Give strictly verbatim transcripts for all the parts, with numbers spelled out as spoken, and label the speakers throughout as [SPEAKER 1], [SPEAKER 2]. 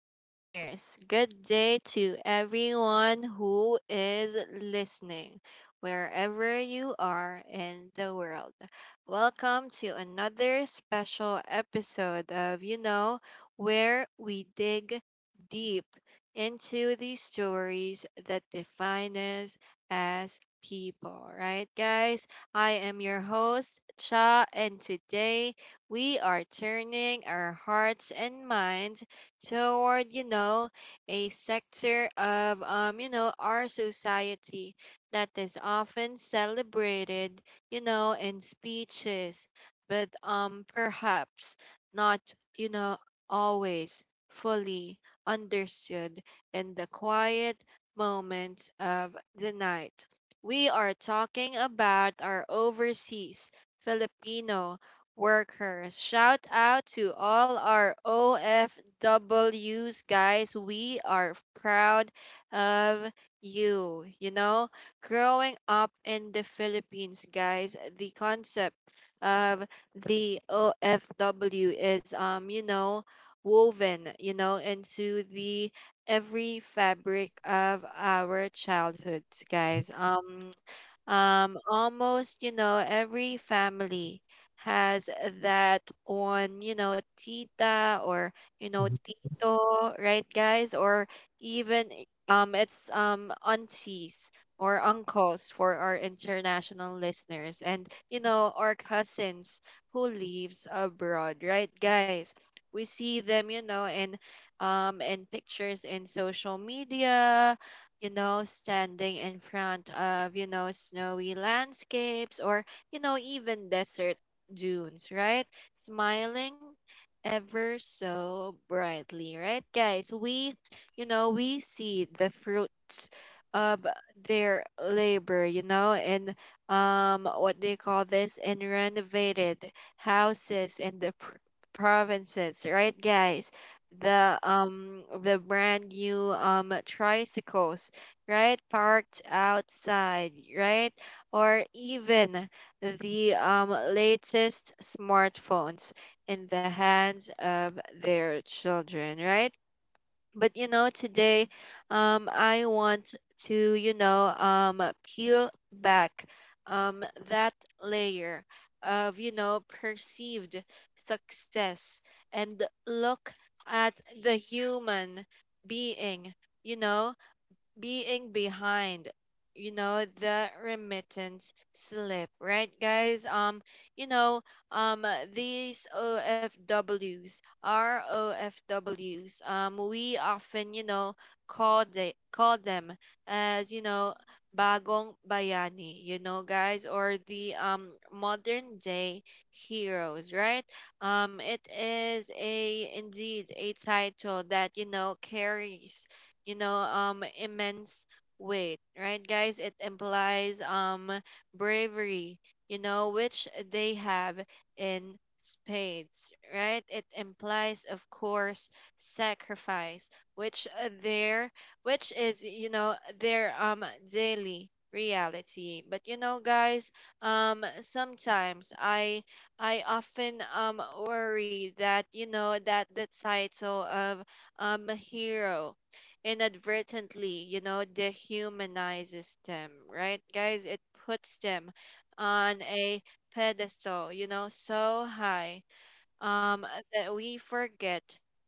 [SPEAKER 1] listeners. Good day to everyone who is listening, wherever you are in the world. Welcome to another special episode of You Know, where we dig deep into the stories that define us as people, right, guys? I am your host, Cha, and today we are turning our hearts and minds toward, you know, a sector of, um, you know, our society that is often celebrated, you know, in speeches, but um, perhaps not, you know, always fully understood in the quiet moments of the night. We are talking about our overseas Filipino workers. Shout out to all our O F Ws, guys. We are proud of you. You know, growing up in the Philippines, guys, the concept of the O F W is, um, you know, woven, you know, into the every fabric of our childhoods, guys. Um, um, almost, you know, every family has that on, you know, tita or, you know,
[SPEAKER 2] Mhm,
[SPEAKER 1] tito, right, guys? Or even eh, um, it's um aunties or uncles for our international listeners, and you know, our cousins who lives abroad, right, guys? We see them, you know, in um in pictures in social media, you know, standing in front of, you know, snowy landscapes or, you know, even desert dunes, right? Smiling ever so brightly, right, guys? We, you know, we see the fruits of their labor, you know, in um what they call this in renovated houses in the pr- provinces, right, guys? the um the brand new um tricycles, right? Parked outside, right? Or even the um, latest smartphones in the hands of their children, right? But you know, today um, I want to, you know, um, peel back um, that layer of, you know, perceived success and look at the human being, you know, being behind, you know, the remittance slip, right, guys? Um you know, um uh, these ofws are ofws, um we often, you know, call they call them as, you know, bagong bayani, you know, guys, or the um modern day heroes, right. Um it is a indeed a title that, you know, carries, you know, um immense weight, right, guys. It implies um bravery, you know, which they have in spades, right. It implies, of course, sacrifice, which uh, their which is, you know, their um daily reality. But you know, guys, um sometimes i i often um worry that, you know, that the title of um hero inadvertently, you know, dehumanizes them, right? Guys, it puts them on a pedestal, you know, so high um that we forget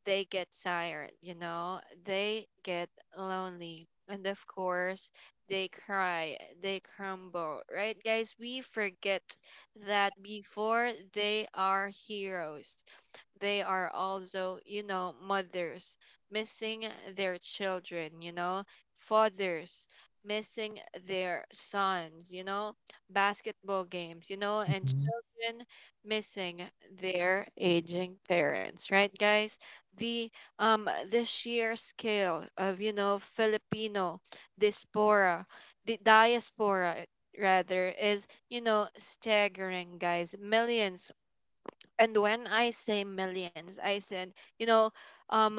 [SPEAKER 1] they get tired, you know, they get lonely. And of course, they cry, they crumble, right? Guys, we forget that before they are heroes they are also, you know, mothers missing their children, you know, fathers missing their sons, you know, basketball games, you know, and children
[SPEAKER 2] mhm.
[SPEAKER 1] missing their aging parents, right, guys? The um the sheer scale of, you know, Filipino diaspora, the diaspora, rather, is, you know, staggering, guys. Millions, and when I say millions, I said, you know, um,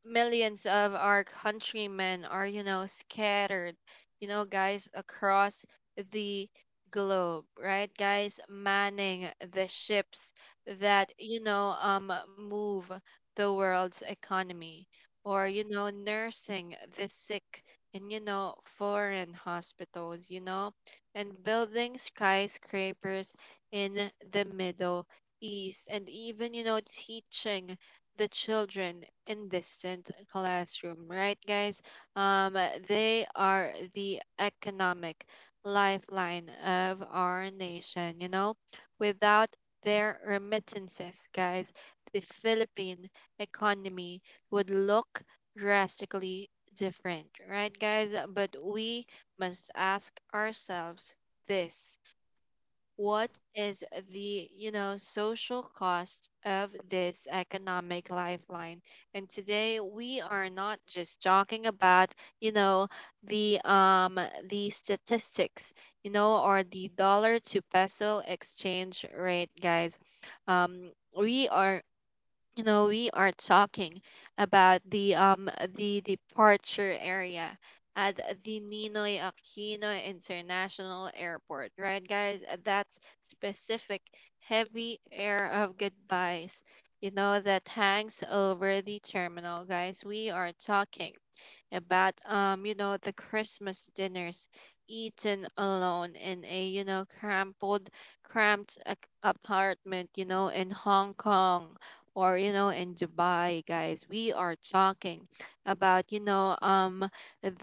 [SPEAKER 1] millions of our countrymen are, you know, scattered, you know, guys, across the globe, right? Guys, manning the ships that, you know, um, move the world's economy or, you know, nursing the sick in, you know, foreign hospitals, you know, and building skyscrapers in the middle ease, and even, you know, teaching the children in distant classroom, right, guys? Um, they are the economic lifeline of our nation, you know? Without their remittances, guys, the Philippine economy would look drastically different, right, guys? But we must ask ourselves this: what is the, you know, social cost of this economic lifeline? And today we are not just talking about, you know, the um the statistics, you know, or the dollar to peso exchange rate, guys. um we are, you know, we are talking about the um the departure area at the Ninoy Aquino International Airport, right, guys. Uh, that's specific heavy air of goodbyes, you know, that hangs over the terminal, guys. We are talking about, um you know, the Christmas dinners eaten alone in a, you know, crumpled cramped ac- apartment, you know, in Hong Kong or, you know, in Dubai, guys. We are talking about, you know, um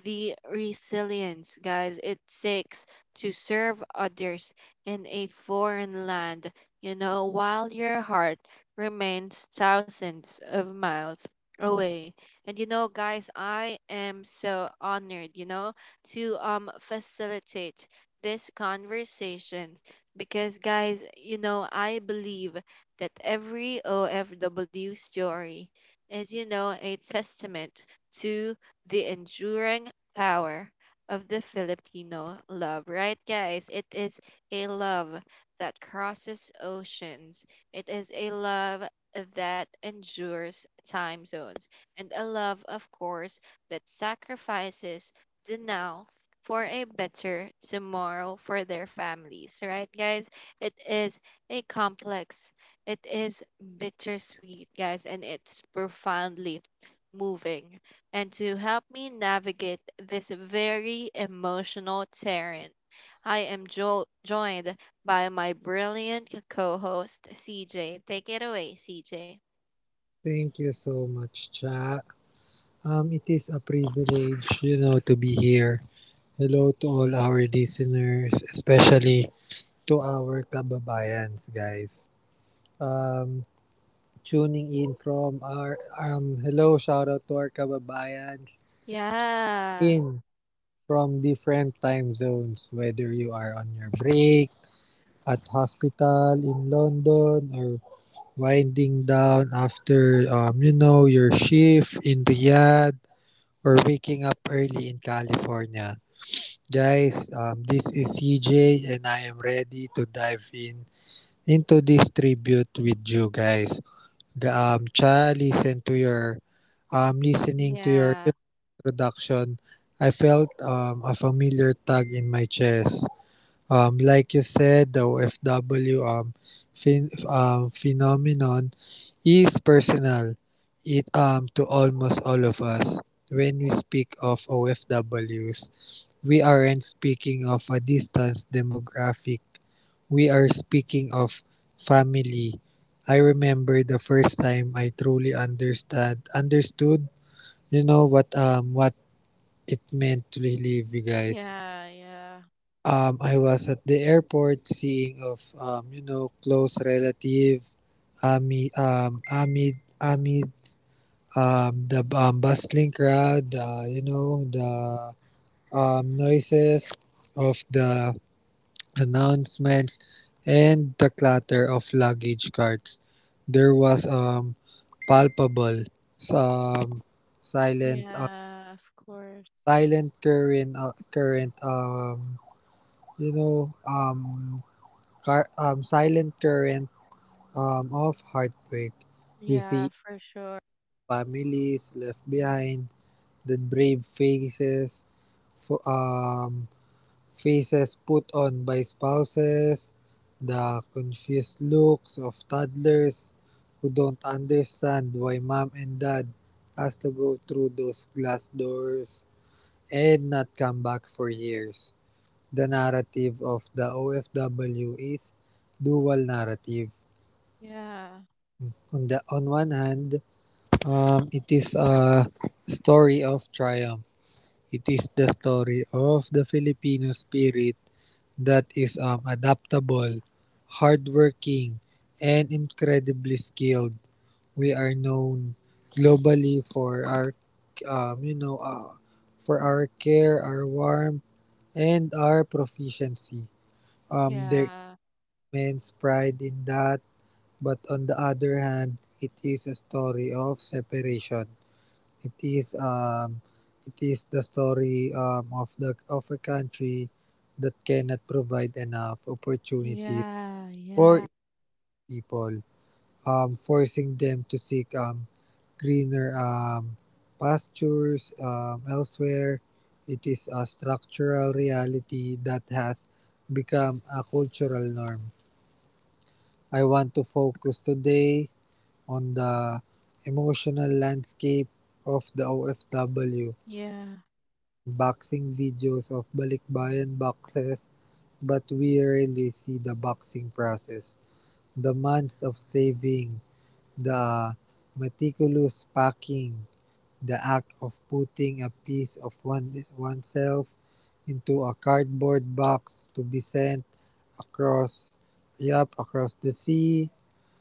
[SPEAKER 1] the resilience, guys, it takes to serve others in a foreign land, you know, while your heart remains thousands of miles away. And you know, guys, I am so honored, you know, to um facilitate this conversation because, guys, you know, I believe that every O F W story is, you know, a testament to the enduring power of the Filipino love, right, guys? It is a love that crosses oceans. It is a love that endures time zones, and a love, of course, that sacrifices the now for a better tomorrow for their families, right, guys? It is a complex, it is bittersweet, guys, and it's profoundly moving. And to help me navigate this very emotional terrain, I am jo- joined by my brilliant co host, C J. Take it away, C J.
[SPEAKER 2] Thank you so much, chat. Um, it is a privilege, you know, to be here. Hello to all our listeners, especially to our kababayans, guys. Um, tuning in from our um, hello, shout out to our kababayans
[SPEAKER 1] Yeah.
[SPEAKER 2] in from different time zones. Whether you are on your break at hospital in London or winding down after um, you know your shift in Riyadh for waking up early in California. Guys, um, this is C J and I am ready to dive in into this tribute with you guys. G- Um, cha, listen to your, um,
[SPEAKER 1] Yeah.
[SPEAKER 2] listening to your introduction, I felt um, a familiar tug in my chest. Um, like you said, the O F W um, phen- um, phenomenon is personal. It um to almost all of us. When we speak of O F Ws, we aren't speaking of a distance demographic. We are speaking of family. I remember the first time I truly understand understood, you know what um what it meant to live, you
[SPEAKER 1] Yeah,
[SPEAKER 2] guys.
[SPEAKER 1] yeah.
[SPEAKER 2] Um, I was at the airport seeing of um, you know close relative amid um, amid amid um, the um, bustling crowd uh, you know the um, noises of the announcements and the clatter of luggage carts. There was um palpable some silent
[SPEAKER 1] Yeah,
[SPEAKER 2] uh,
[SPEAKER 1] of course.
[SPEAKER 2] silent current uh, current um you know um car- um, silent current um, of heartbreak.
[SPEAKER 1] Yeah,
[SPEAKER 2] You
[SPEAKER 1] for
[SPEAKER 2] see
[SPEAKER 1] sure.
[SPEAKER 2] families left behind, the brave faces, fo- um, faces put on by spouses, the confused looks of toddlers who don't understand why mom and dad has to go through those glass doors and not come back for years. The narrative of the O F W is dual narrative.
[SPEAKER 1] Yeah,
[SPEAKER 2] On the on one hand, um, it is a story of triumph. It is the story of the Filipino spirit that is um, adaptable, hardworking, and incredibly skilled. We are known globally for our, um, you know, uh, for our care, our warmth, and our proficiency.
[SPEAKER 1] yeah,
[SPEAKER 2] Um, there is immense pride in that, but on the other hand, it is a story of separation. It is um, it is the story um, of the of a country that cannot provide enough
[SPEAKER 1] yeah,
[SPEAKER 2] opportunities
[SPEAKER 1] yeah,
[SPEAKER 2] for its people, um, forcing them to seek um, greener um, pastures um, elsewhere. It is a structural reality that has become a cultural norm. I want to focus today on the emotional landscape of the O F W
[SPEAKER 1] yeah,
[SPEAKER 2] boxing videos of Balikbayan boxes, but we rarely see the boxing process, the months of saving, the meticulous packing, the act of putting a piece of one, oneself into a cardboard box to be sent across, yup, across the sea.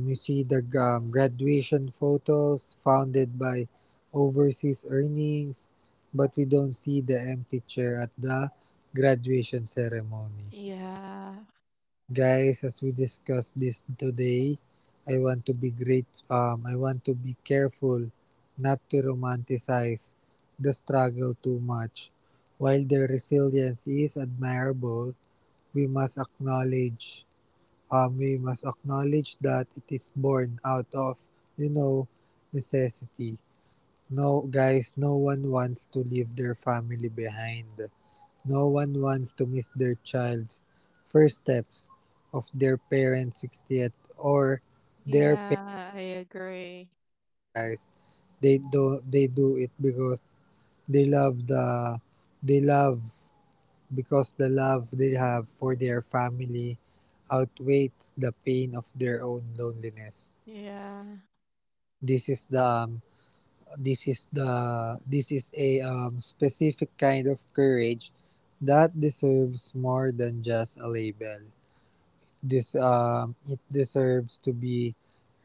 [SPEAKER 2] Um, you see the um, graduation photos founded by overseas earnings, but we don't see the empty chair at the graduation ceremony.
[SPEAKER 1] yeah,
[SPEAKER 2] Guys, as we discuss this today, I want to be great. Um, I want to be careful not to romanticize the struggle too much. While their resilience is admirable, we must acknowledge Um, we must acknowledge that it is born out of, you know, necessity. No, guys, no one wants to leave their family behind. No one wants to miss their child's first steps of their parents' sixtieth or their
[SPEAKER 1] yeah, I
[SPEAKER 2] parents,
[SPEAKER 1] agree.
[SPEAKER 2] guys. They do, they do it because they love the, they love because the love they have for their family outweighs the pain of their own loneliness.
[SPEAKER 1] Yeah.
[SPEAKER 2] This is the um, this is the this is a um, specific kind of courage that deserves more than just a label. This um, it deserves to be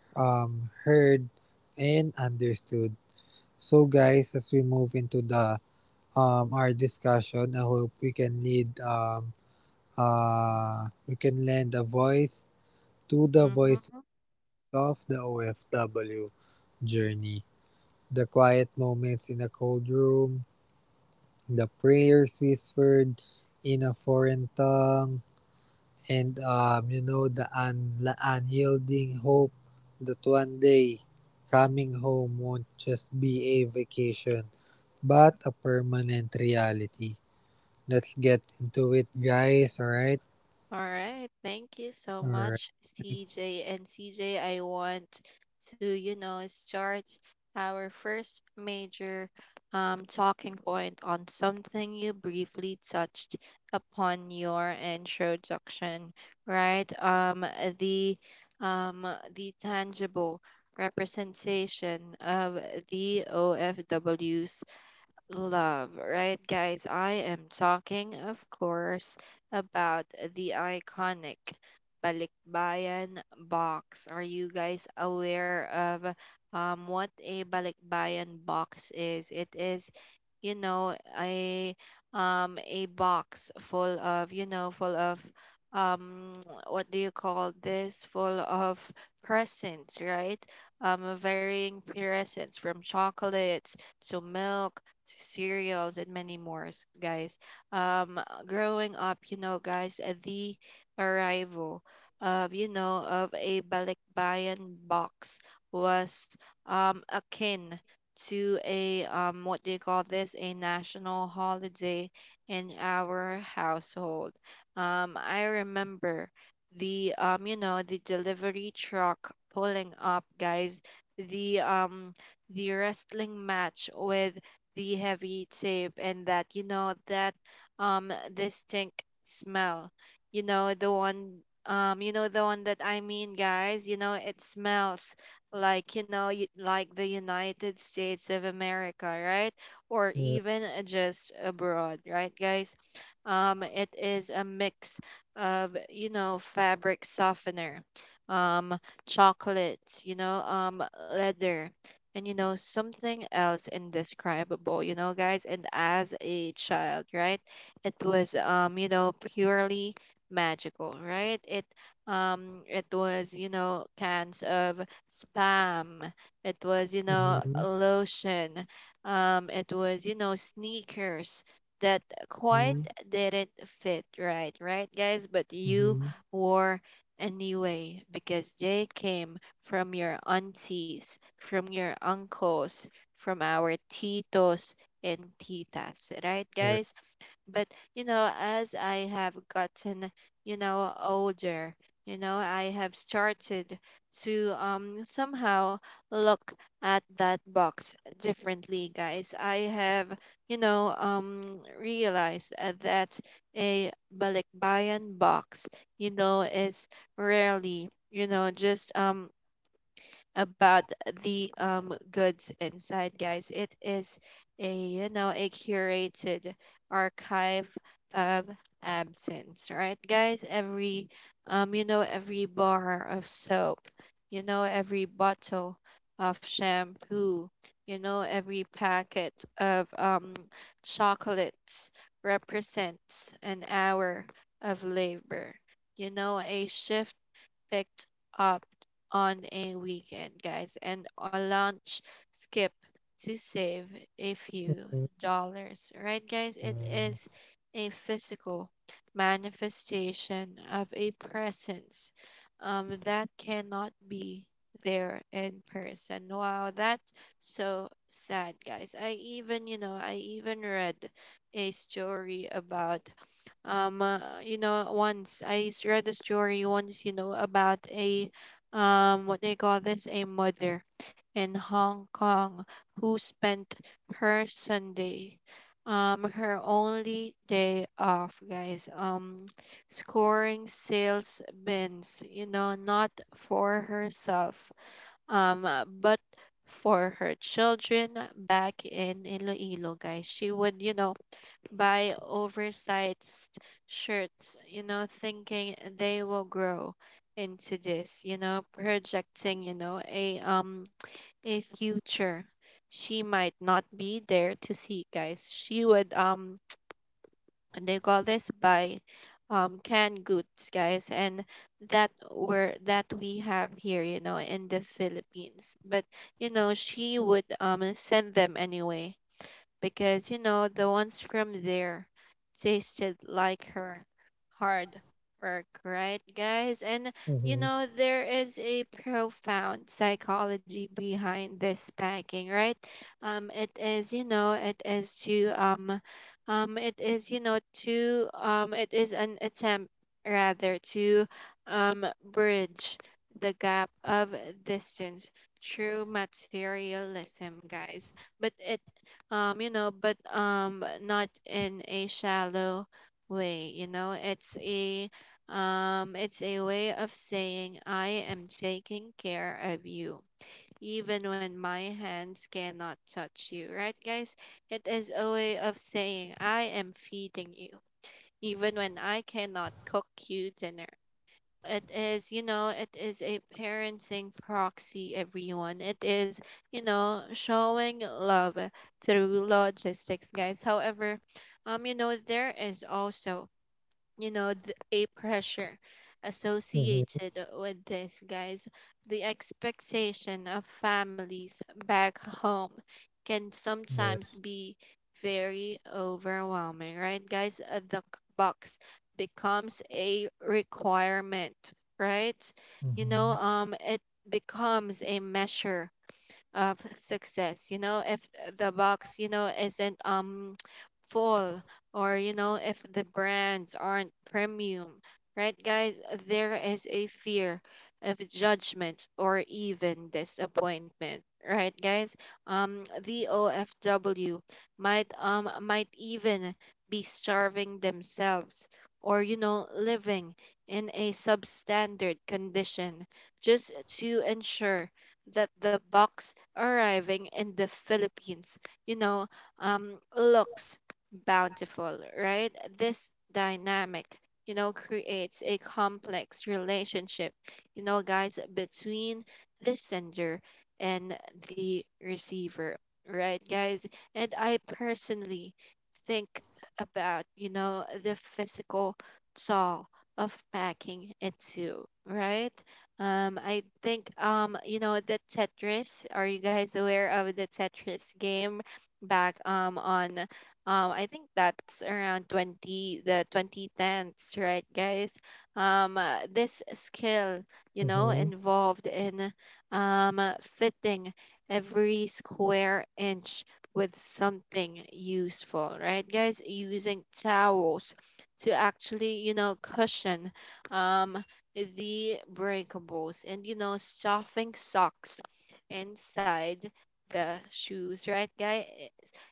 [SPEAKER 2] um, heard and understood. So, guys, as we move into the um, our discussion, I hope we can lead um, uh, we can lend a voice to the
[SPEAKER 1] Mm-hmm.
[SPEAKER 2] voices of the O F W journey. The quiet moments in a cold room, the prayers whispered in a foreign tongue, and um, you know, the un- la- unyielding hope that one day coming home won't just be a vacation, but a permanent reality. Let's get into it, guys. All right.
[SPEAKER 1] All right. Thank you so
[SPEAKER 2] All
[SPEAKER 1] much,
[SPEAKER 2] right.
[SPEAKER 1] C J. And C J, I want to, you know, start our first major um, talking point on something you briefly touched upon your introduction, right? Um, the um, the tangible representation of the O F Ws love, right, guys? I am talking, of course, about the iconic Balikbayan box. Are you guys aware of um, what a Balikbayan box is? It is, you know, a um a box full of, you know, full of um what do you call this, full of presents, right. Um varying presents from chocolates to milk to cereals and many more, s- guys. Um, growing up, you know, guys, uh, the arrival of, you know, of a balikbayan box was um, akin to a, um, what do you call this, a national holiday in our household. Um, I remember the, um, you know, the delivery truck pulling up, guys, the, um, the wrestling match with the heavy tape, and that, you know, that um distinct smell, you know, the one, um you know, the one that I mean, guys, you know, it smells like, you know, y- like the United States of America, right? Or even,
[SPEAKER 2] Uh,
[SPEAKER 1] uh, just abroad, right, guys. Um it is a mix of, you know, fabric softener, um chocolates, you know, um leather, and, you know, something else indescribable, you know, guys. And as a child, right, it was, um you know, purely magical, right. It um it was, you know, cans of spam, it was, you know,
[SPEAKER 2] mhm,
[SPEAKER 1] lotion, um it was, you know, sneakers that quite
[SPEAKER 2] mhm,
[SPEAKER 1] didn't fit right, right, guys, but you
[SPEAKER 2] mhm,
[SPEAKER 1] wore anyway because they came from your aunties, from your uncles, from our titos and titas, right, guys?
[SPEAKER 2] all right,
[SPEAKER 1] But, you know, as I have gotten, you know, older, you know, I have started to um, somehow look at that box differently, guys. I have, you know, um, realized uh, that a balikbayan box, you know, is rarely, you know, just um about the um goods inside, guys. It is a, you know, a curated archive of absence, right, guys. Every um you know, every bar of soap, you know, every bottle of shampoo, you know, every packet of um chocolates represents an hour of labor, you know, a shift picked up on a weekend, guys, and a lunch skip to save a few
[SPEAKER 2] uh,
[SPEAKER 1] dollars, right, guys? It is
[SPEAKER 2] uh,
[SPEAKER 1] a physical manifestation of a presence um, that cannot be there in person. Wow, that's so sad, guys. I even, you know, I even read a story about um uh, you know, once I s- read a story once, you know, about a um what they call this, a mother in Hong Kong who spent her Sunday, um her only day off, guys, um scoring sales bins, you know, not for herself, um uh, but for her children back in Iloilo, guys. She would, you know, buy oversized shirts, you know, thinking they will grow into this, you know, projecting, you know, a um a future she might not be there to see, guys. She would, um they call this, buy um canned goods, guys, and that were that we have here, you know, in the Philippines. But you know, she would um send them anyway because you know the ones from there tasted like her hard work right guys And you know
[SPEAKER 2] mhm,
[SPEAKER 1] there is a profound psychology behind this packing right um it is you know it is to um um it is you know to um it is an attempt rather to um bridge the gap of distance through materialism guys but it um you know but um not in a shallow way you know It's a um it's a way of saying I am taking care of you even when my hands cannot touch you, right, guys. It is a way of saying I am feeding you even when I cannot cook you dinner. It is you know it is a parenting proxy, everyone. It is you know showing love through logistics, guys. However, um you know there is also you know th- a pressure associated
[SPEAKER 2] mhm.
[SPEAKER 1] with this, guys. The expectation of families back home can sometimes be
[SPEAKER 2] Yes.
[SPEAKER 1] very overwhelming, right, guys? Uh, the c- box becomes a requirement, right? you know
[SPEAKER 2] Mm-hmm.
[SPEAKER 1] um it becomes a measure of success. You know, if uh, the box you know isn't um full or you know if the brands aren't premium, right, guys? There is a fear of judgment or even disappointment, right, guys. Um the O F W might um might even be starving themselves or you know living in a substandard condition just to ensure that the box arriving in the Philippines, you know, um, looks bountiful, right? This dynamic, you know, creates a complex relationship, you know, guys, between the sender and the receiver, right, guys? And I personally think about, you know, the physical toll of packing it too, right? Um, I think um, you know, the Tetris. Are you guys aware of the Tetris game back um on um I think that's around 20 the twenty tens, right, guys? Um, uh, this skill, you know, involved in um uh, fitting every square inch with something useful, right, guys? Using towels to actually, you know, cushion um the breakables, and you know stuffing socks inside the shoes, right, guy I-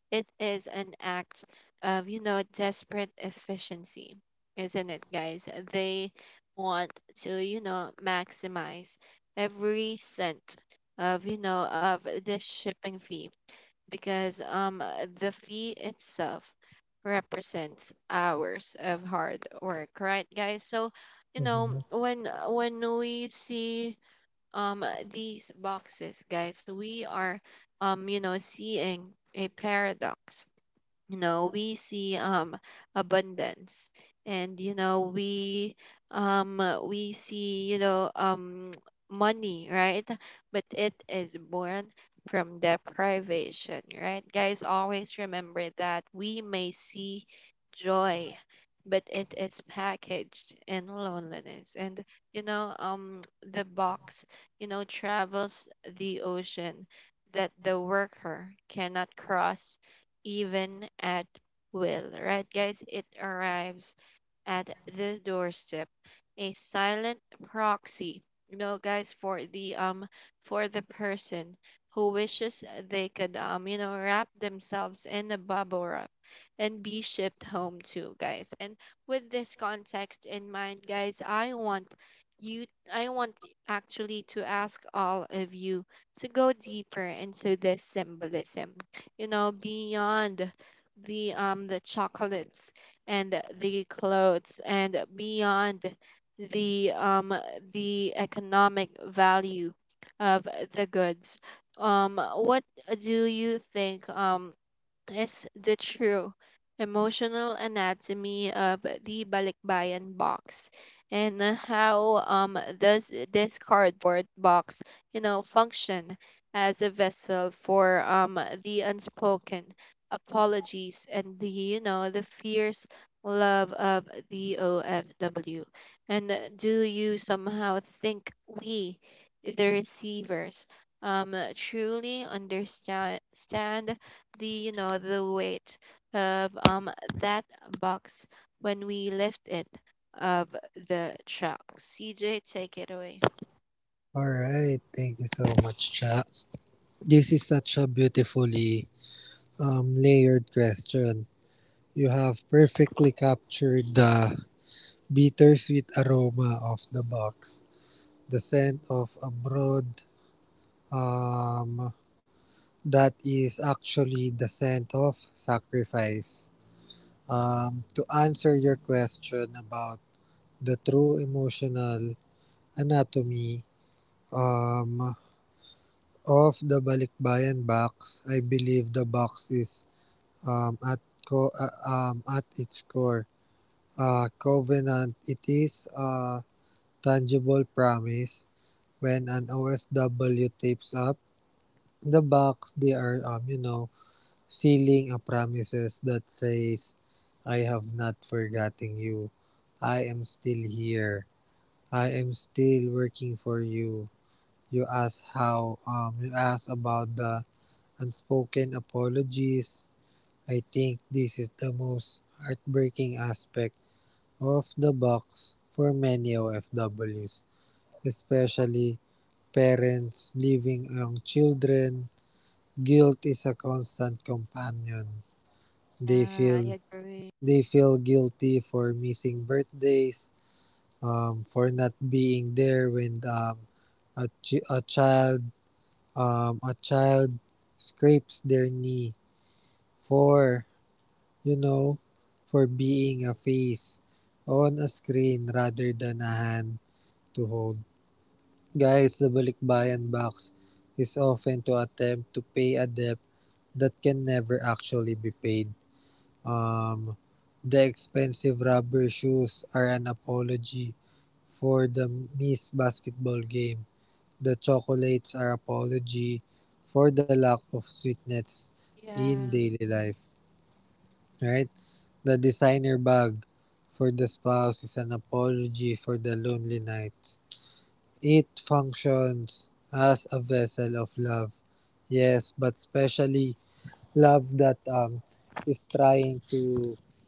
[SPEAKER 1] It is an act of you know desperate efficiency, isn't it, guys? They want to you know maximize every cent of you know of the shipping fee because um, the fee itself represents hours of hard work, right, guys? So, you know,
[SPEAKER 2] Mm-hmm.
[SPEAKER 1] when when we see um these boxes, guys, we are um you know seeing a paradox. You know we see um abundance, and you know we um uh, we see you know um money, right? But it is born from deprivation, right, guys. Always remember that we may see joy, but it is packaged in loneliness. And you know um the box, you know travels the ocean that the worker cannot cross, even at will, right, guys? It arrives at the doorstep, a silent proxy, you know, guys, for the um for the person who wishes they could um you know wrap themselves in a bubble wrap and be shipped home too, guys. And with this context in mind, guys, I want you I want actually to ask all of you to go deeper into this symbolism, you know, beyond the um the chocolates and the clothes, and beyond the um the economic value of the goods. Um, what do you think? Um, is the true emotional anatomy of the Balikbayan box? And how um does this cardboard box you know function as a vessel for um the unspoken apologies and the you know the fierce love of the O F W? And do you somehow think we, the receivers, um truly understand the you know the weight of um that box when we lift it of the truck? C J, take it away.
[SPEAKER 2] All right, thank you so much, chat. This is such a beautifully um, layered question. You have perfectly captured the bittersweet aroma of the box, the scent of abroad. Um, that is actually the scent of sacrifice. Um, to answer your question about the true emotional anatomy, um, of the Balikbayan Box, I believe the box is um, at co- uh, um, at its core a covenant. It is a tangible promise. When an O F W tapes up the box, they are um, you know sealing a promises that says, "I have not forgotten you. I am still here. I am still working for you." You ask how um You ask about the unspoken apologies. I think this is the most heartbreaking aspect of the box for many O F Ws, especially parents leaving young children. Guilt is a constant companion.
[SPEAKER 1] Yeah,
[SPEAKER 2] They
[SPEAKER 1] I
[SPEAKER 2] feel
[SPEAKER 1] agree.
[SPEAKER 2] they feel guilty for missing birthdays, um, for not being there when um, a, chi- a child um, a child scrapes their knee. For You know, for being a face on a screen rather than a hand to hold. Guys, the Balikbayan box is often to attempt to pay a debt that can never actually be paid. Um, the expensive rubber shoes are an apology for the missed basketball game. The chocolates are apology for the lack of sweetness
[SPEAKER 1] Yeah,
[SPEAKER 2] in daily life, right? The designer bag for the spouse is an apology for the lonely nights. It functions as a vessel of love. Yes, but especially love that um is trying to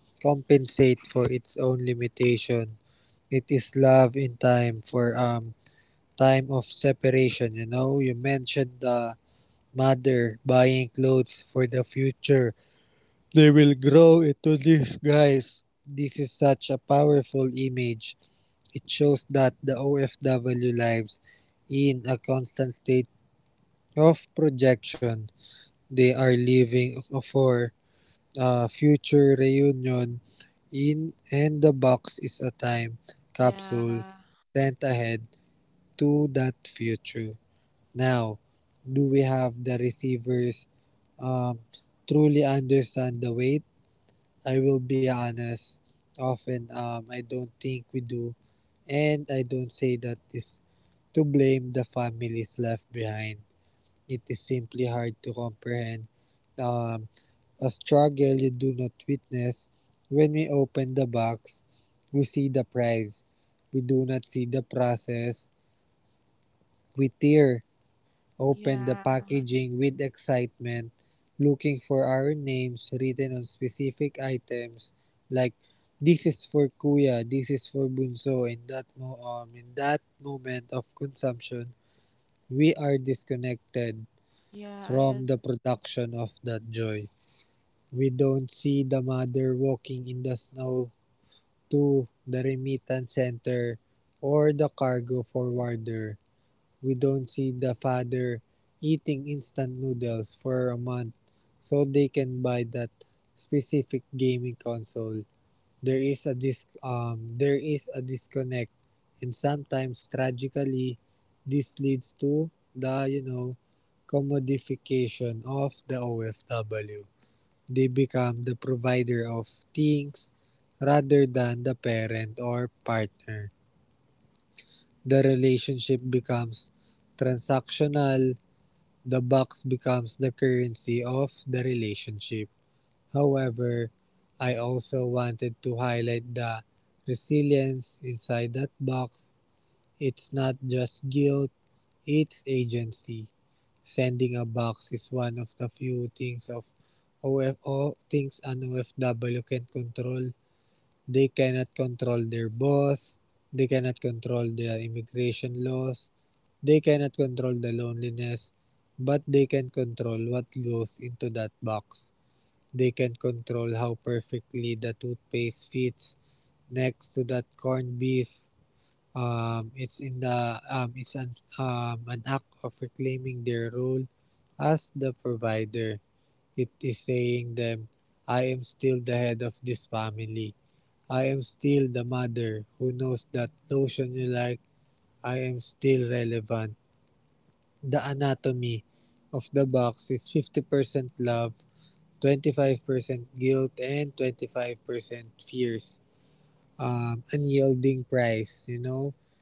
[SPEAKER 2] compensate for its own limitation. It is love in time for um time of separation, you know? You mentioned the mother buying clothes for the future they will grow into this, guys. This is such a powerful image. It shows that the O F W lives in a constant state of projection. They are living for a future reunion in and the box is a time
[SPEAKER 1] yeah,
[SPEAKER 2] capsule sent ahead to that future. Now, do we have the receivers um, truly understand the weight. I will be honest, often um, I don't think we do, and I don't say that is to blame the families left behind. It is simply hard to comprehend um, a struggle you do not witness. When we open the box, we see the prize. We do not see the process. We tear
[SPEAKER 1] yeah,
[SPEAKER 2] opened the packaging with excitement, looking for our names written on specific items like this is for Kuya, this is for Bunso. In that mo um, in that moment of consumption, we are disconnected
[SPEAKER 1] yeah, I agree.
[SPEAKER 2] from the production of that joy. We don't see the mother walking in the snow to the remittance center or the cargo forwarder. We don't see the father eating instant noodles for a month so they can buy that specific gaming console. There is a dis- um there is a disconnect, and sometimes tragically this leads to the you know commodification of the O F W. They become the provider of things rather than the parent or partner. The relationship becomes transactional. The box becomes the currency of the relationship. However, I also wanted to highlight the resilience inside that box. It's not just guilt, it's agency. Sending a box is one of the few things of O F O things an O F W can control. They cannot control their boss. They cannot control the immigration laws. They cannot control the loneliness. But they can control what goes into that box. They can control how perfectly the toothpaste fits next to that corned beef. Um, it's in the um, it's an um, an act of reclaiming their role as the provider. It is saying them, I am still the head of this family. I am still the mother who knows that lotion you like. I am still relevant. The anatomy of the box is fifty percent love, twenty-five percent guilt, and twenty-five percent fears. Um, unyielding price, you know?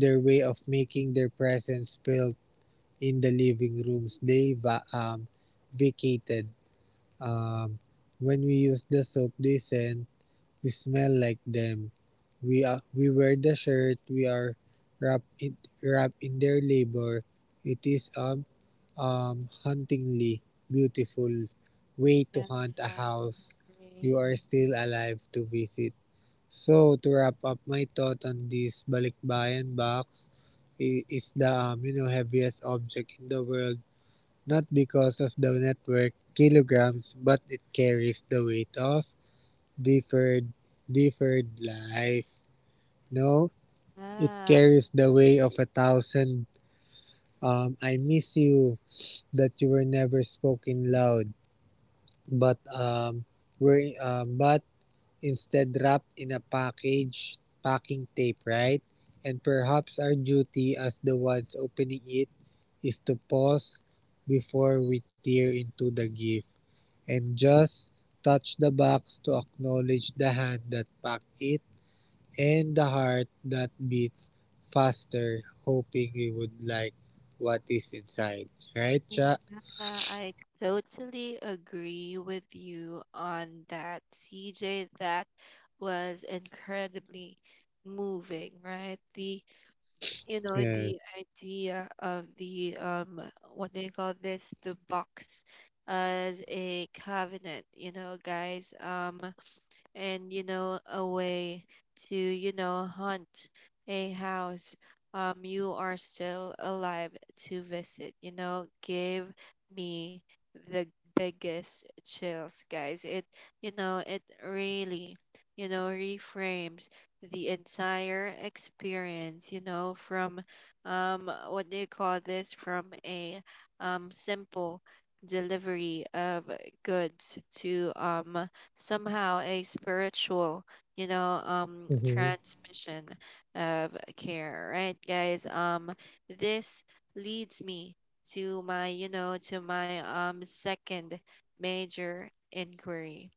[SPEAKER 2] It's their way of making their presence felt in the living rooms they va- um, vacated. Um, when we use the soap they send, we smell like them. We uh, we wear the shirt. We are wrapped in wrapped in their labor. It is um um hauntingly beautiful
[SPEAKER 1] Yeah,
[SPEAKER 2] way to haunt
[SPEAKER 1] I
[SPEAKER 2] a house
[SPEAKER 1] agree.
[SPEAKER 2] you are still alive to visit. So to wrap up my thought on this balikbayan box, it is the um, you know heaviest object in the world not because of the network kilograms but it carries the weight of Deferred, deferred life. No, it
[SPEAKER 1] Ah,
[SPEAKER 2] carries the weight of a thousand. Um, I miss you that you were never spoken loud, but um, were um, but instead wrapped in a package, packing tape, right? And perhaps our duty as the ones opening it is to pause before we tear into the gift and just touch the box to acknowledge the hand that packed it and the heart that beats faster, hoping we would like what is inside. Right, Cha?
[SPEAKER 1] yeah, I totally agree with you on that, C J. That was incredibly moving, right? The you know the
[SPEAKER 2] Yes.
[SPEAKER 1] idea of the um what they call this, the box as a covenant, you know, guys. Um and you know a way to you know hunt a house, um you are still alive to visit, you know, give me the biggest chills, guys. It you know it really you know reframes the entire experience, you know from um what do you call this, from a um simple delivery of goods to um somehow a spiritual, you know, um,
[SPEAKER 2] Mm-hmm.
[SPEAKER 1] transmission of care, right, guys? Um, this leads me to my, you know, to my um second major inquiry,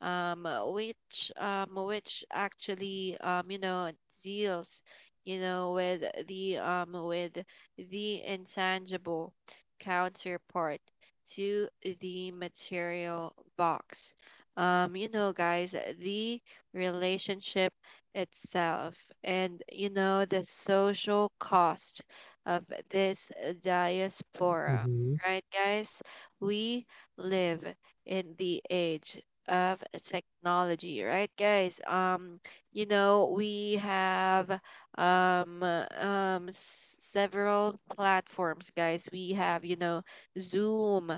[SPEAKER 1] um, which um, which actually um, you know, deals, you know, with the um with the intangible counterpart to the material box. Um you know, guys, the relationship itself, and you know the social cost of this diaspora,
[SPEAKER 2] Mm-hmm.
[SPEAKER 1] right, guys? We live in the age of technology, right, guys? Um you know we have um um several platforms, guys. We have, you know Zoom.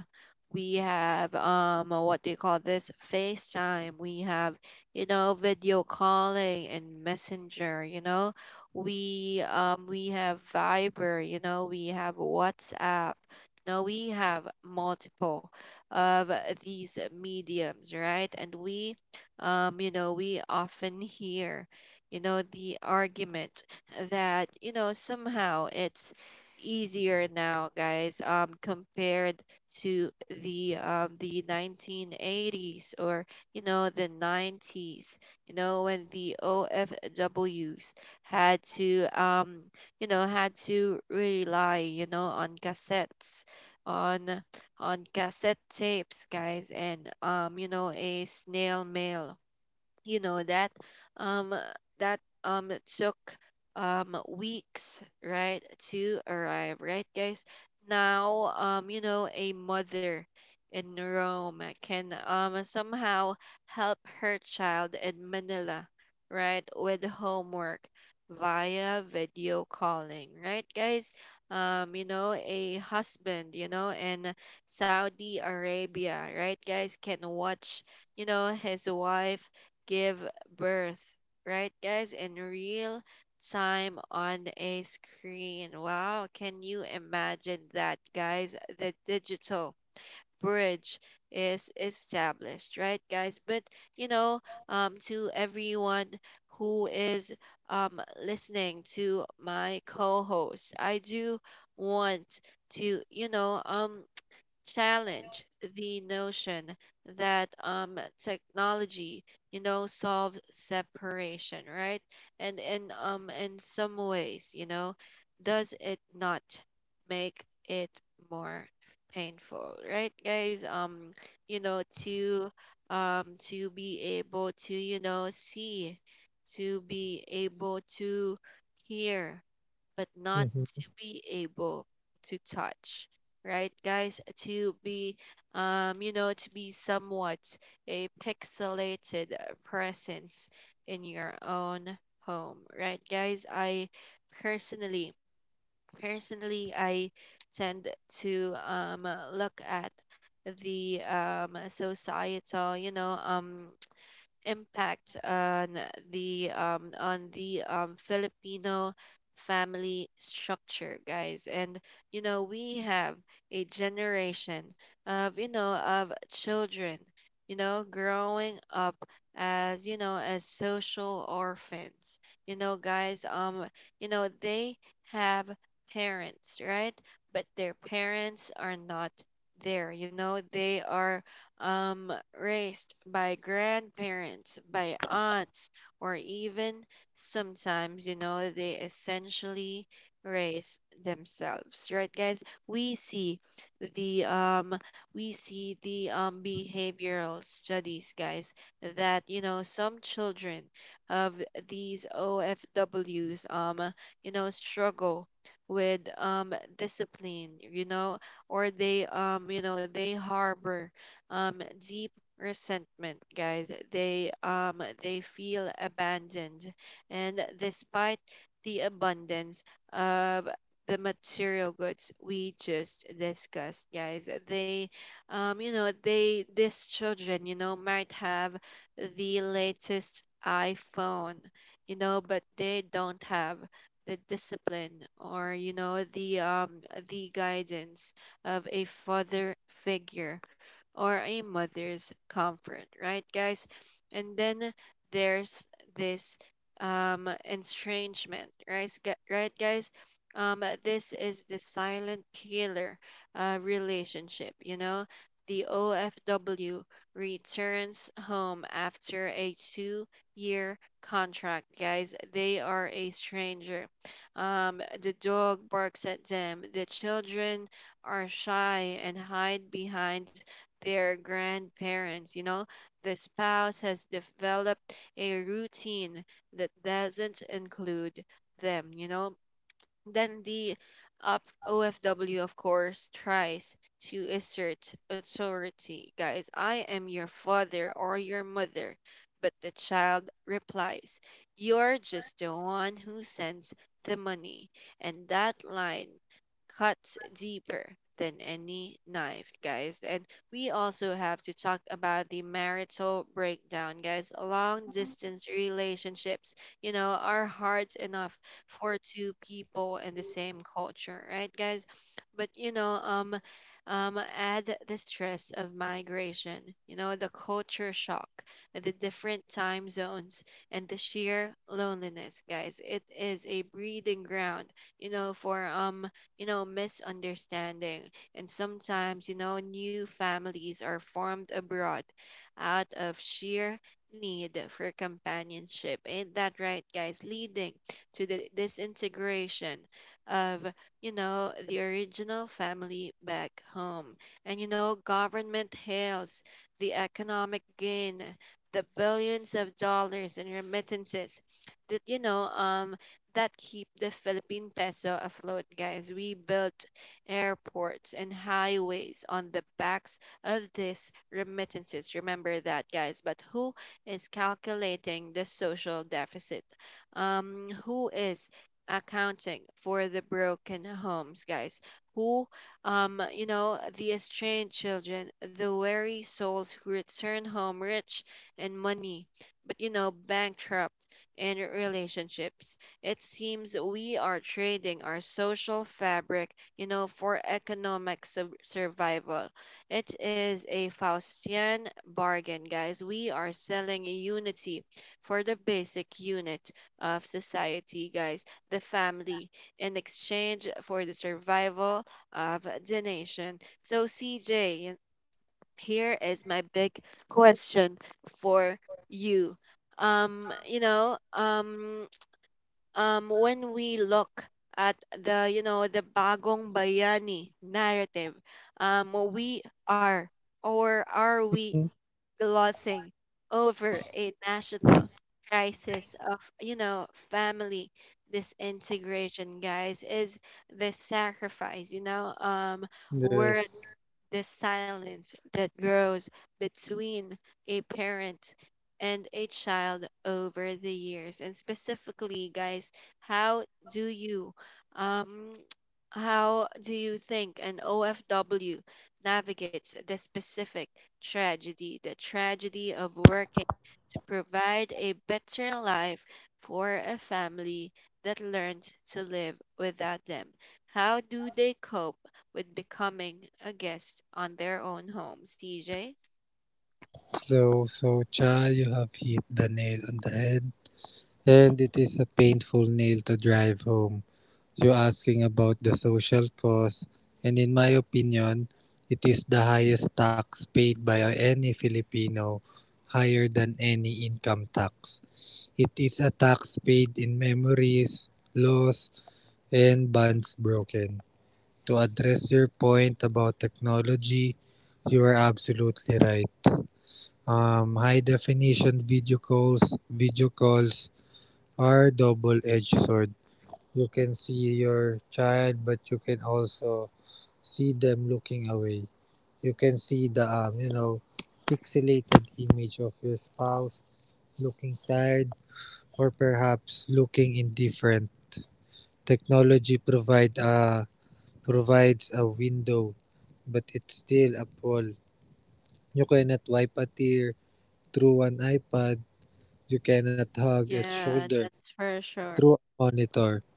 [SPEAKER 1] We have um what do you call this, FaceTime. We have, you know video calling and Messenger. You know, we um we have Viber. You know, we have WhatsApp. No, we have multiple of these mediums, right? And we, um you know we often hear you know the argument that you know somehow it's easier now, guys, um compared to the um, the nineteen eighties, or you know the nineties, you know when the O F Ws had to um you know had to rely you know on cassettes, on on cassette tapes, guys, and um you know a snail mail, you know that um uh, that um took um weeks, right, to arrive, right, guys? Now um you know a mother in Rome can um somehow help her child in Manila, right, with homework via video calling, right, guys. Um you know a husband, you know in Saudi Arabia, right, guys, can watch you know his wife give birth, right, guys, in real time on a screen. Wow, can you imagine that, guys? The digital bridge is established, right, guys? But, you know, um, to everyone who is um listening to my co-host, I do want to, you know, um challenge the notion that um, technology, you know, solves separation, right? And in um, in some ways, you know, does it not make it more painful, right, guys? Um, you know, to um, to be able to, you know, see, to be able to hear, but not to
[SPEAKER 2] Mm-hmm.
[SPEAKER 1] be able to touch, right, guys. To be, um you know to be somewhat a pixelated presence in your own home, right, guys. I personally Personally, I tend to um look at the um societal, you know um impact on the um, on the um, Filipino family structure, guys. And you know, we have a generation of you know of children, you know, growing up as you know as social orphans, you know, guys. Um, you know they have parents, right? But their parents are not there. You know, they are, um, raised by grandparents, by aunts, or even sometimes, you know, they essentially raise themselves, right, guys? We see the um, we see the um, behavioral studies, guys, that you know some children of these O F Ws, um, you know, struggle with um discipline, you know, or they, um, you know, they harbor um, deep resentment, guys. They um they feel abandoned, and despite the abundance of the material goods we just discussed, guys, they um you know they these children, you know might have the latest iPhone, you know but they don't have the discipline, or you know the um the guidance of a father figure, or a mother's comfort, right, guys? And then there's this um, estrangement, right, gu- right, guys? Um, this is the silent killer, uh, relationship, you know. The O F W returns home after a two year contract, guys. They are a stranger. Um, the dog barks at them. The children are shy and hide behind their grandparents, you know. The spouse has developed a routine that doesn't include them, you know. Then the op- O F W, of course, tries to assert authority. Guys, I am your father or your mother. But the child replies, "You're just the one who sends the money." And that line cuts deeper than any knife, guys. And we also have to talk about the marital breakdown, guys. Long distance relationships, you know, are hard enough for two people in the same culture, right, guys? But you know, um, um, add the stress of migration, you know, the culture shock, the different time zones, and the sheer loneliness, guys. It is a breeding ground, you know, for um, you know, misunderstanding, and sometimes, you know, new families are formed abroad out of sheer need for companionship. Ain't that right, guys? Leading to the disintegration of, you know, the original family back home. And, you know, government hails the economic gain, the billions of dollars in remittances that, you know, um, that keep the Philippine peso afloat, guys. We built airports and highways on the backs of these remittances. Remember that, guys. But who is calculating the social deficit? Um, who is accounting for the broken homes, guys? Who, um, you know, the estranged children, the weary souls who return home rich in money, but, you know, bankrupt in relationships. It seems we are trading our social fabric, you know, for economic sub- survival. It is a Faustian bargain, guys. We are selling unity for the basic unit of society, guys, the family, in exchange for the survival of the nation. So, C J, here is my big question for you. Um, you know, um, um, when we look at the, you know, the bagong bayani narrative, um, we are or are we glossing over a national crisis of, you know, family disintegration, guys. Is the sacrifice, you know, um, we
[SPEAKER 2] Yes.
[SPEAKER 1] the silence that grows between a parent and a child over the years? And specifically, guys, how do you um how do you think an O F W navigates the specific tragedy, the tragedy of working to provide a better life for a family that learned to live without them? How do they cope with becoming a guest on their own home, C J?
[SPEAKER 2] So, so Cha, you have hit the nail on the head, and it is a painful nail to drive home. You're asking about the social cost, and in my opinion, it is the highest tax paid by any Filipino, higher than any income tax. It is a tax paid in memories, laws, and bonds broken. To address your point about technology, you are absolutely right. Um, high definition video calls, video calls are double-edged sword. You can see your child, but you can also see them looking away. You can see the um, you know, pixelated image of your spouse looking tired or perhaps looking indifferent. Technology provide a provides a window, but it's still a wall. You cannot wipe a tear through an iPad. You cannot hug a
[SPEAKER 1] Yeah,
[SPEAKER 2] shoulder
[SPEAKER 1] that's for sure.
[SPEAKER 2] through a monitor.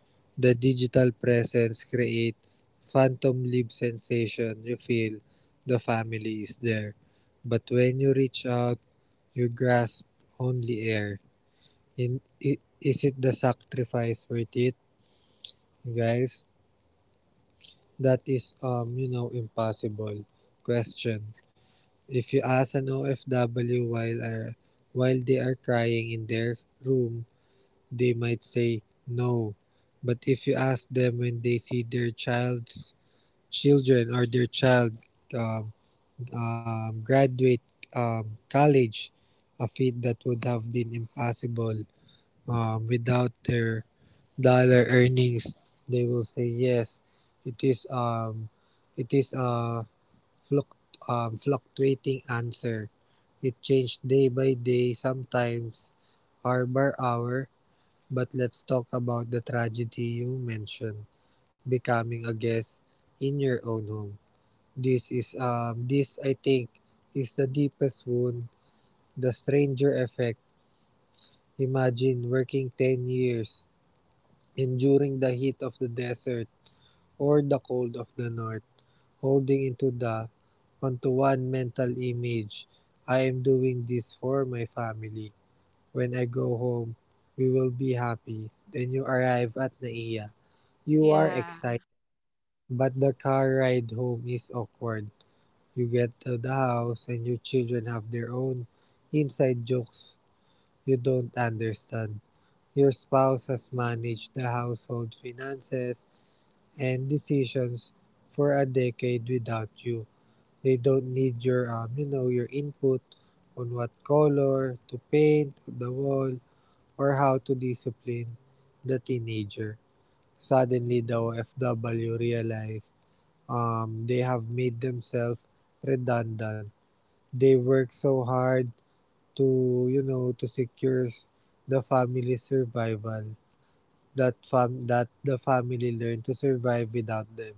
[SPEAKER 2] The digital presence create phantom live sensation. You feel the family is there, but when you reach out, you grasp only air. In Is it the sacrifice worth it, guys? That is, um, you know, impossible question. If you ask an O F W while uh, while they are crying in their room, they might say no. But if you ask them when they see their child's children or their child um, um, graduate um, college, a feat that would have been impossible um, without their dollar earnings, they will say yes. It is um, it is a Fluct, um, fluctuating answer. It changed day by day, sometimes hour by hour. But let's talk about the tragedy you mentioned, becoming a guest in your own home. This is um this I think is the deepest wound, the stranger effect. Imagine working ten years, enduring the heat of the desert or the cold of the north holding into the one-to-one mental image, I am doing this for my family. When I go home, we will be happy. Then you arrive at Naiya. You are
[SPEAKER 1] Yeah.
[SPEAKER 2] excited, but the car ride home is awkward. You get to the house and your children have their own inside jokes you don't understand. Your spouse has managed the household finances and decisions for a decade without you. They don't need your, um, you know, your input on what color to paint the wall or how to discipline the teenager. Suddenly, the O F W realize um, they have made themselves redundant. They work so hard to, you know, to secure the family's survival that fam- that the family learn to survive without them.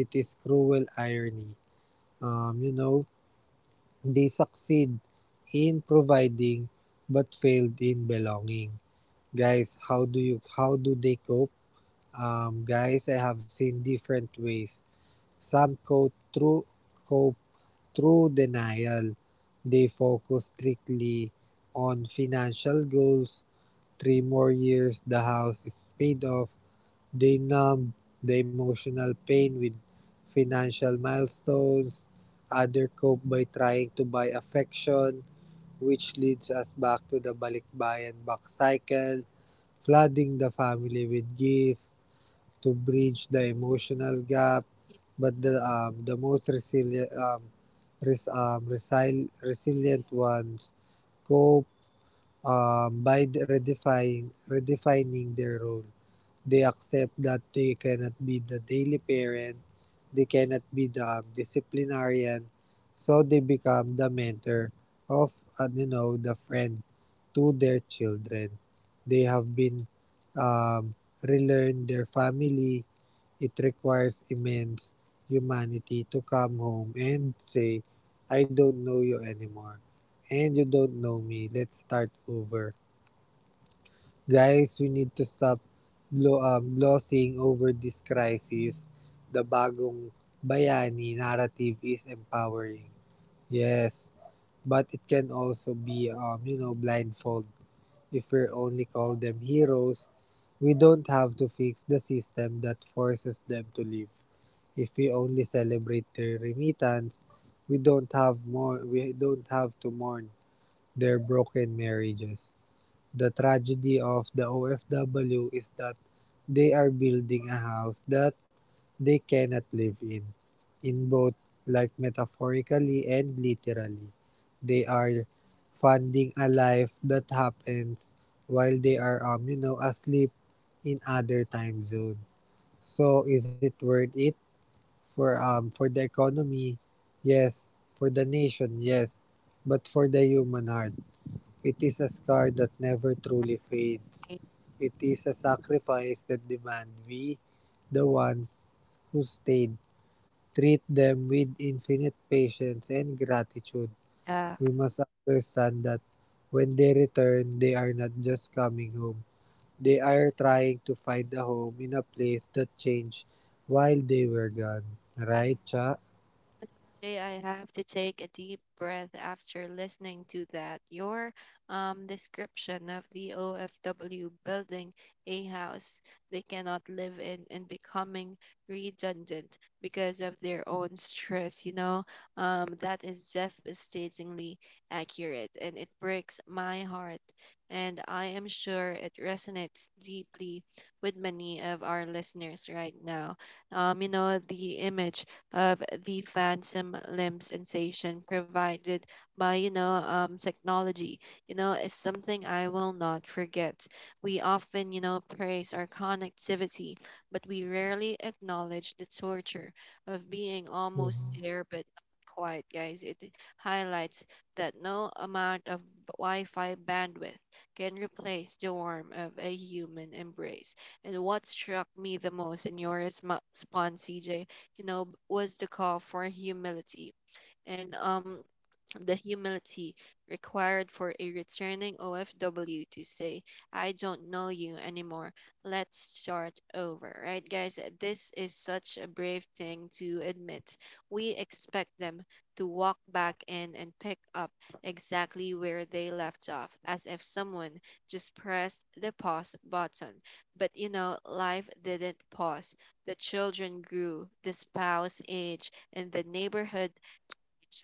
[SPEAKER 2] It is cruel irony. Um, you know, They succeed in providing but failed in belonging. Guys, how do you how do they cope? Um, guys, I have seen different ways. Some cope through cope through denial. They focus strictly on financial goals. Three more years, the house is paid off. They numb the emotional pain with financial milestones. Other cope by trying to buy affection, which leads us back to the Balikbayan Back cycle, flooding the family with gifts to bridge the emotional gap. But
[SPEAKER 1] Yeah.
[SPEAKER 2] the um, the most resilient um, res, um, resil- resilient ones cope um, by redefining redefining their role. They accept that they cannot be the daily parent, they cannot be the disciplinarian, so they become the mentor of, uh, you know, the friend to their children. They have been um, relearn their family. It requires immense humanity to come home and say, I don't know you anymore, and you don't know me. Let's start over. Guys, we need to stop glo- uh, glossing over this crisis. The bagong bayani narrative is empowering. Yes, but it can also be, um, you know, blindfold. If we only call them heroes, we don't have to fix the system that forces them to live. If we only celebrate their remittance, we don't have more. We don't have to mourn their broken marriages. The tragedy of the O F W is that they are building a house that they cannot live in. In both, like metaphorically and literally, they are funding a life that happens while they are, um, you know, asleep in other time zone. So is it worth it for um for the economy? Yes. For the nation, yes. But for the human heart, it is a scar that never truly fades.
[SPEAKER 1] I-
[SPEAKER 2] It is a sacrifice that demands we, the ones who stayed, treat them with infinite patience and gratitude.
[SPEAKER 1] Yeah.
[SPEAKER 2] We must understand that when they return, they are not just coming home. They are trying to find a home in a place that changed while they were gone. Right, Cha?
[SPEAKER 1] Jay, I have to take a deep breath after listening to that. Your um, description of the O F W building a house they cannot live in and becoming redundant because of their own stress, you know, um, that is devastatingly accurate, and it breaks my heart. And I am sure it resonates deeply with many of our listeners right now. Um, you know, the image of the phantom limb sensation provided by you know um, technology you know is something I will not forget. We often, you know praise our connectivity, but we rarely acknowledge the torture of being almost
[SPEAKER 2] Mhm.
[SPEAKER 1] there but not quite, guys. It highlights that no amount of wi-fi bandwidth can replace the warmth of a human embrace. And what struck me the most in your resmo- response, C J, you know, was the call for humility. And um, the humility required for a returning O F W to say, I don't know you anymore. Let's start over, right, guys? This is such a brave thing to admit. We expect them to walk back in and pick up exactly where they left off, as if someone just pressed the pause button. But you know, life didn't pause. The children grew, the spouse aged, and the neighborhood,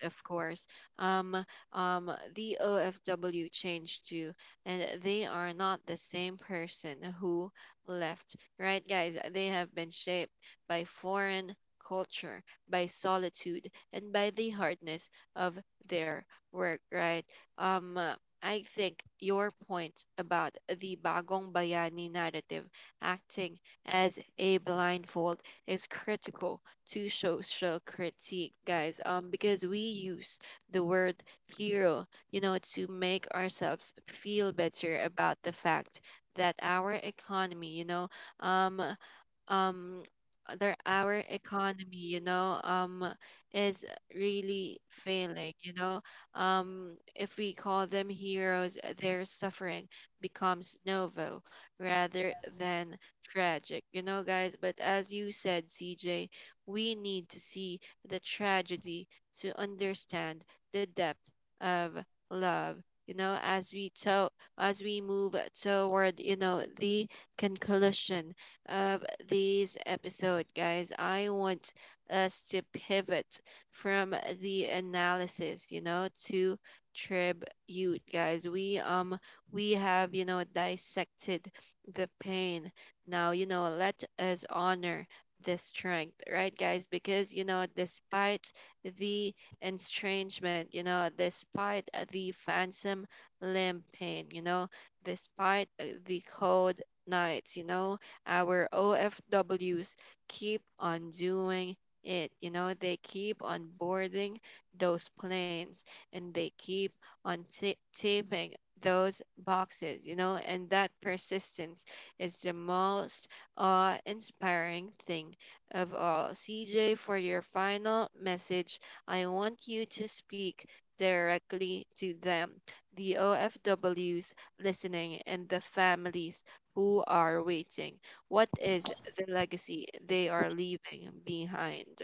[SPEAKER 1] of course, um, um, the O F W changed too, and they are not the same person who left, right, guys? They have been shaped by foreign culture, by solitude, and by the hardness of their work, right? Um, uh, I think your point about the Bagong Bayani narrative acting as a blindfold is critical to social critique, guys, um, because we use the word hero, you know, to make ourselves feel better about the fact that our economy, you know, um, um uh, their our economy you know um is really failing, you know um if we call them heroes, uh, their suffering becomes novel rather than tragic, you know guys. But as you said, C J, we need to see the tragedy to understand the depth of love, you know as we to- as we move toward you know the conclusion of this episode, guys. I want us to pivot from the analysis, you know, to tribute, guys. We um we have, you know, dissected the pain. Now, you know, let us honor the strength, right, guys? Because, you know, despite the estrangement, you know, despite the phantom limb pain, you know, despite uh, the cold nights, you know, our O F Ws keep on doing it. You know, they keep on boarding those planes, and they keep on ta- taping those boxes, you know, and that persistence is the most awe inspiring thing of all. C J, for your final message, I want you to speak directly to them, the O F Ws listening, and the families who are waiting. What is the legacy they are leaving behind?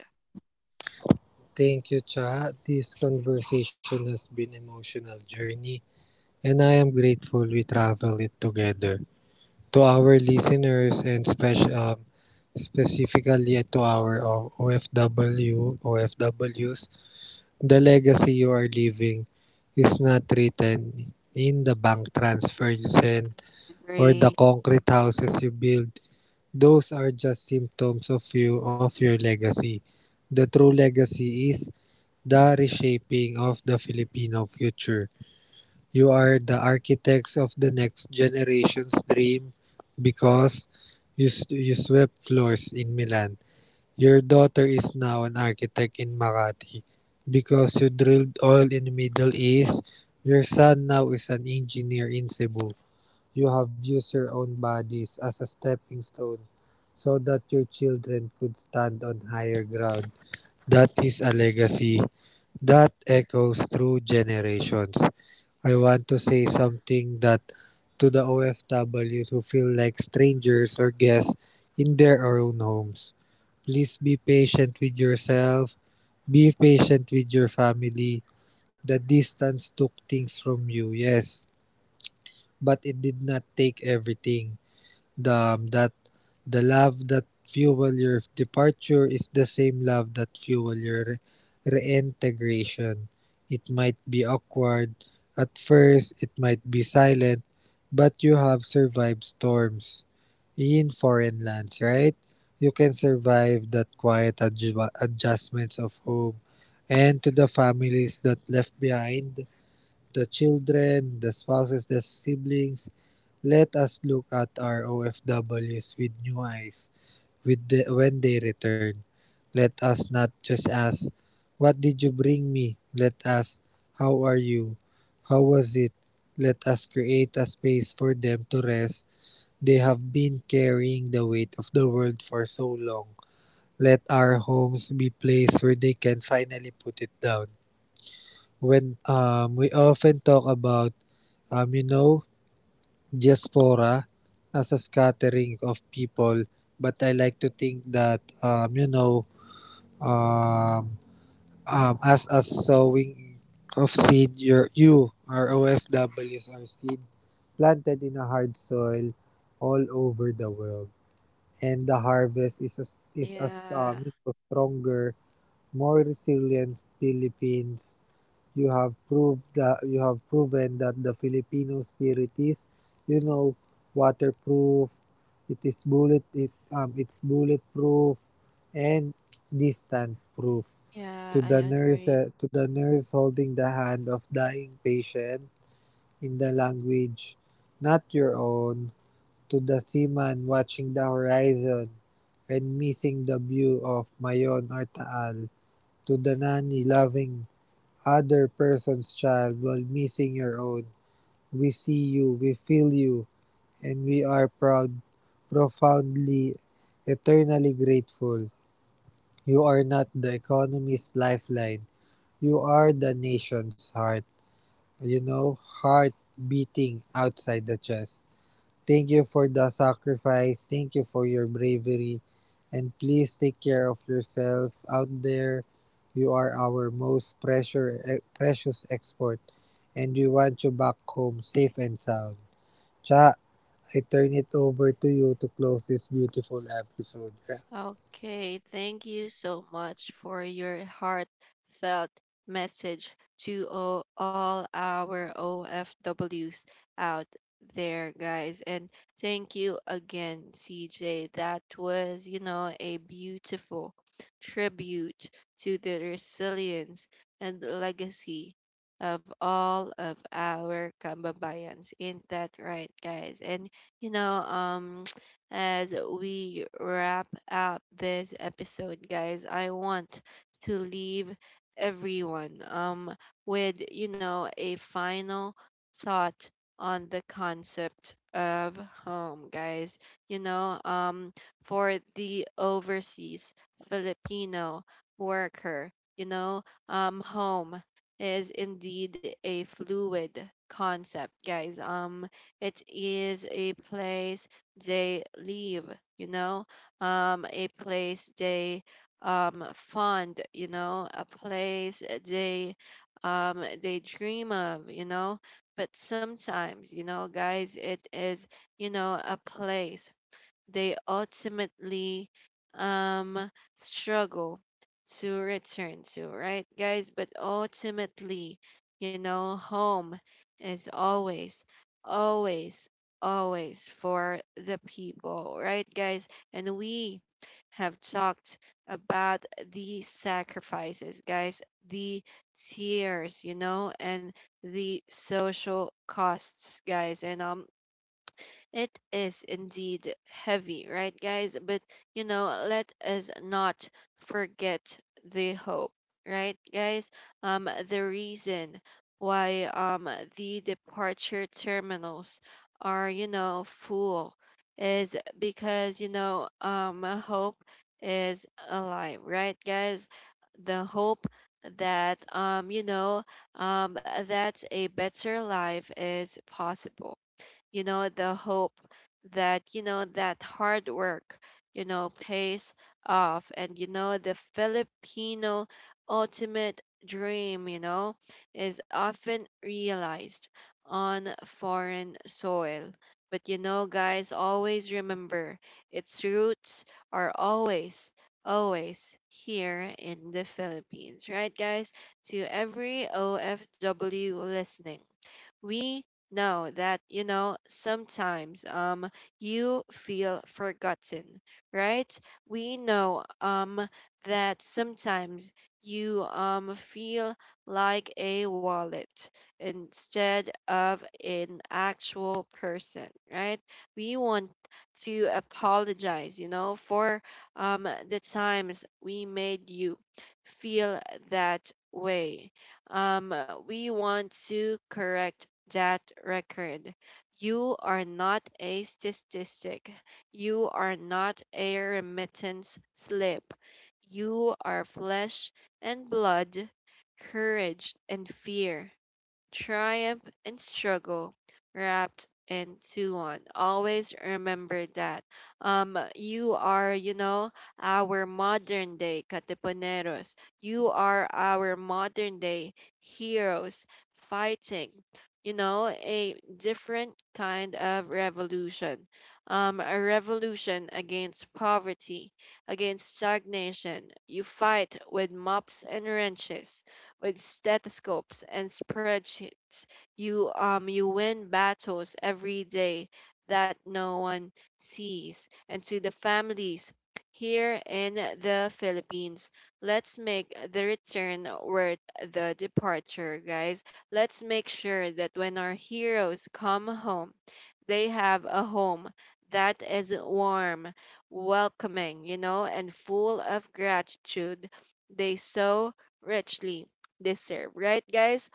[SPEAKER 2] Thank you, Cha. This conversation has been an emotional journey, and I am grateful we traveled it together. To our listeners and special um, specifically to our um, O- OFW, O F Ws, the legacy you are leaving is not written in the bank transfer you send or the
[SPEAKER 1] Agree.
[SPEAKER 2] concrete houses you build. Those are just symptoms of you of your legacy. The true legacy is the reshaping of the Filipino future. You are the architects of the next generation's dream because you, you swept floors in Milan. Your daughter is now an architect in Makati because you drilled oil in the Middle East. Your son now is an engineer in Cebu. You have used your own bodies as a stepping stone so that your children could stand on higher ground. That is a legacy that echoes through generations. I want to say something that to the O F Ws who feel like strangers or guests in their own homes. Please be patient with yourself, be patient with your family. The distance took things from you, yes, but it did not take everything. the um, that the love that fuel your departure is the same love that fuel your re- reintegration. It might be awkward at first, it might be silent, but you have survived storms in foreign lands, right? You can survive that quiet adju- adjustments of home, and to the families that left behind, the children, the spouses, the siblings, let us look at our O F Ws with new eyes with the, when they return. Let us not just ask, what did you bring me? Let us, how are you? How was it? Let us create a space for them to rest. They have been carrying the weight of the world for so long. Let our homes be places where they can finally put it down. When um, We often talk about, um, you know, diaspora as a scattering of people, but I like to think that um, you know um, um, as a sowing of seed, your you our O F Ws are seed planted in a hard soil all over the world, and the harvest is a, is a
[SPEAKER 1] Yeah.
[SPEAKER 2] um, you know, stronger, more resilient Philippines. You have proved that you have proven that the Filipino spirit is, you know, waterproof. It is bullet it um it's bulletproof and distance proof.
[SPEAKER 1] Yeah,
[SPEAKER 2] To
[SPEAKER 1] I
[SPEAKER 2] the nurse
[SPEAKER 1] agree.
[SPEAKER 2] uh, to the nurse holding the hand of dying patient in the language not your own. To the seaman watching the horizon and missing the view of Mayon or Taal. To the nanny loving other person's child while missing your own. We see you, we feel you, and we are proud, profoundly, eternally grateful. You are not the economy's lifeline. You are the nation's heart. You know, heart beating outside the chest. Thank you for the sacrifice. Thank you for your bravery. And please take care of yourself out there. You are our most pressure, eh, precious export. And we want you back home safe and sound. Cha, I turn it over to you to close this beautiful episode.
[SPEAKER 1] Okay, thank you so much for your heartfelt message to o- all our O F Ws out there, guys. And thank you again, C J. That was, you know, a beautiful tribute to the resilience and legacy of all of our Kambabayans. Ain't that right, guys? And, you know, um, as we wrap up this episode, guys, I want to leave everyone um with you know a final thought on the concept of home, guys. You know, um for the overseas Filipino worker, you know, um home is indeed a fluid concept, guys. Um it is a place they live, you know, um, a place they um, fond, you know, a place they um, they dream of, you know. But sometimes, you know, guys, it is, you know, a place they ultimately um, struggle to return to, right, guys? But ultimately, you know, home is always, always, always for the people, right, guys? And we have talked about the sacrifices, guys, the tears, you know, and the social costs, guys. And um, it is indeed heavy, right, guys? But you know, let us not forget the hope, right, guys? Um, the reason why um the departure terminals are you know full is because you know um hope is alive, right, guys? The hope that um you know um that a better life is possible, you know the hope that, you know that hard work, you know pays off. And you know the Filipino ultimate dream, you know is often realized on foreign soil, but you know guys, always remember its roots are always, always here in the Philippines, right, guys? To every OFW listening, we know that, you know sometimes um you feel forgotten, right? We know um that sometimes you um feel like a wallet instead of an actual person, right? We want to apologize, you know for um the times we made you feel that way. um, we want to correct that record. You are not a statistic. You are not a remittance slip. You are flesh and blood, courage and fear, triumph and struggle wrapped into one. Always remember that. Um, you are, you know, our modern day Katipuneros. You are our modern day heroes, fighting, you know, a different kind of revolution. Um, a revolution against poverty, against stagnation. You fight with mops and wrenches, with stethoscopes and spreadsheets. You um you win battles every day that no one sees. And to the families here in the Philippines, let's make the return where the departure, guys. Let's make sure that when our heroes come home, they have a home that is warm, welcoming, you know, and full of gratitude they so richly deserve, right, guys?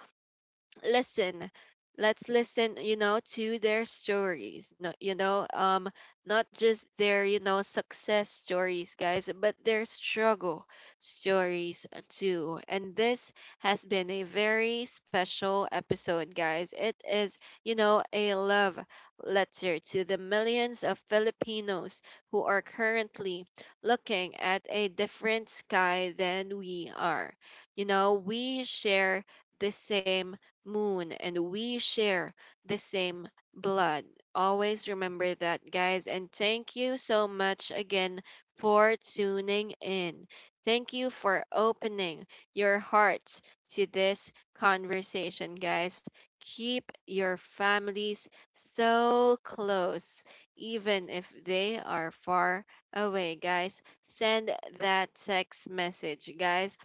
[SPEAKER 1] Listen, let's listen, you know to their stories. No, you know um not just their, you know success stories, guys, but their struggle stories too. And this has been a very special episode, guys. It is, you know a love letter to the millions of Filipinos who are currently looking at a different sky than we are. You know, we share the same moon, and we share the same blood. Always remember that, guys. And thank you so much again for tuning in. Thank you for opening your hearts to this conversation, guys. Keep your families so close, even if they are far away, guys. Send that text message, guys.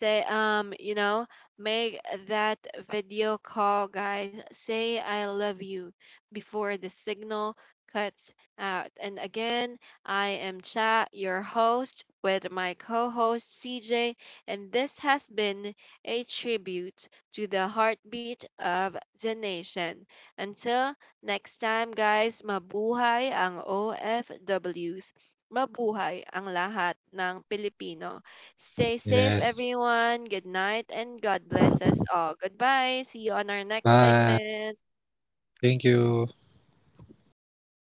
[SPEAKER 1] Say, um, you know, make that video call, guys. Say I love you before the signal cuts out. And again, I am Cha, your host, with my co host C J, and this has been a tribute to the heartbeat of the nation. Until next time, guys, mabuhay ang O F Ws. Mabuhay ang lahat ng Pilipino. Stay safe,
[SPEAKER 2] Yes.
[SPEAKER 1] everyone. Good night and God bless us all. Goodbye. See you on our next
[SPEAKER 2] Bye.
[SPEAKER 1] segment.
[SPEAKER 2] Thank you.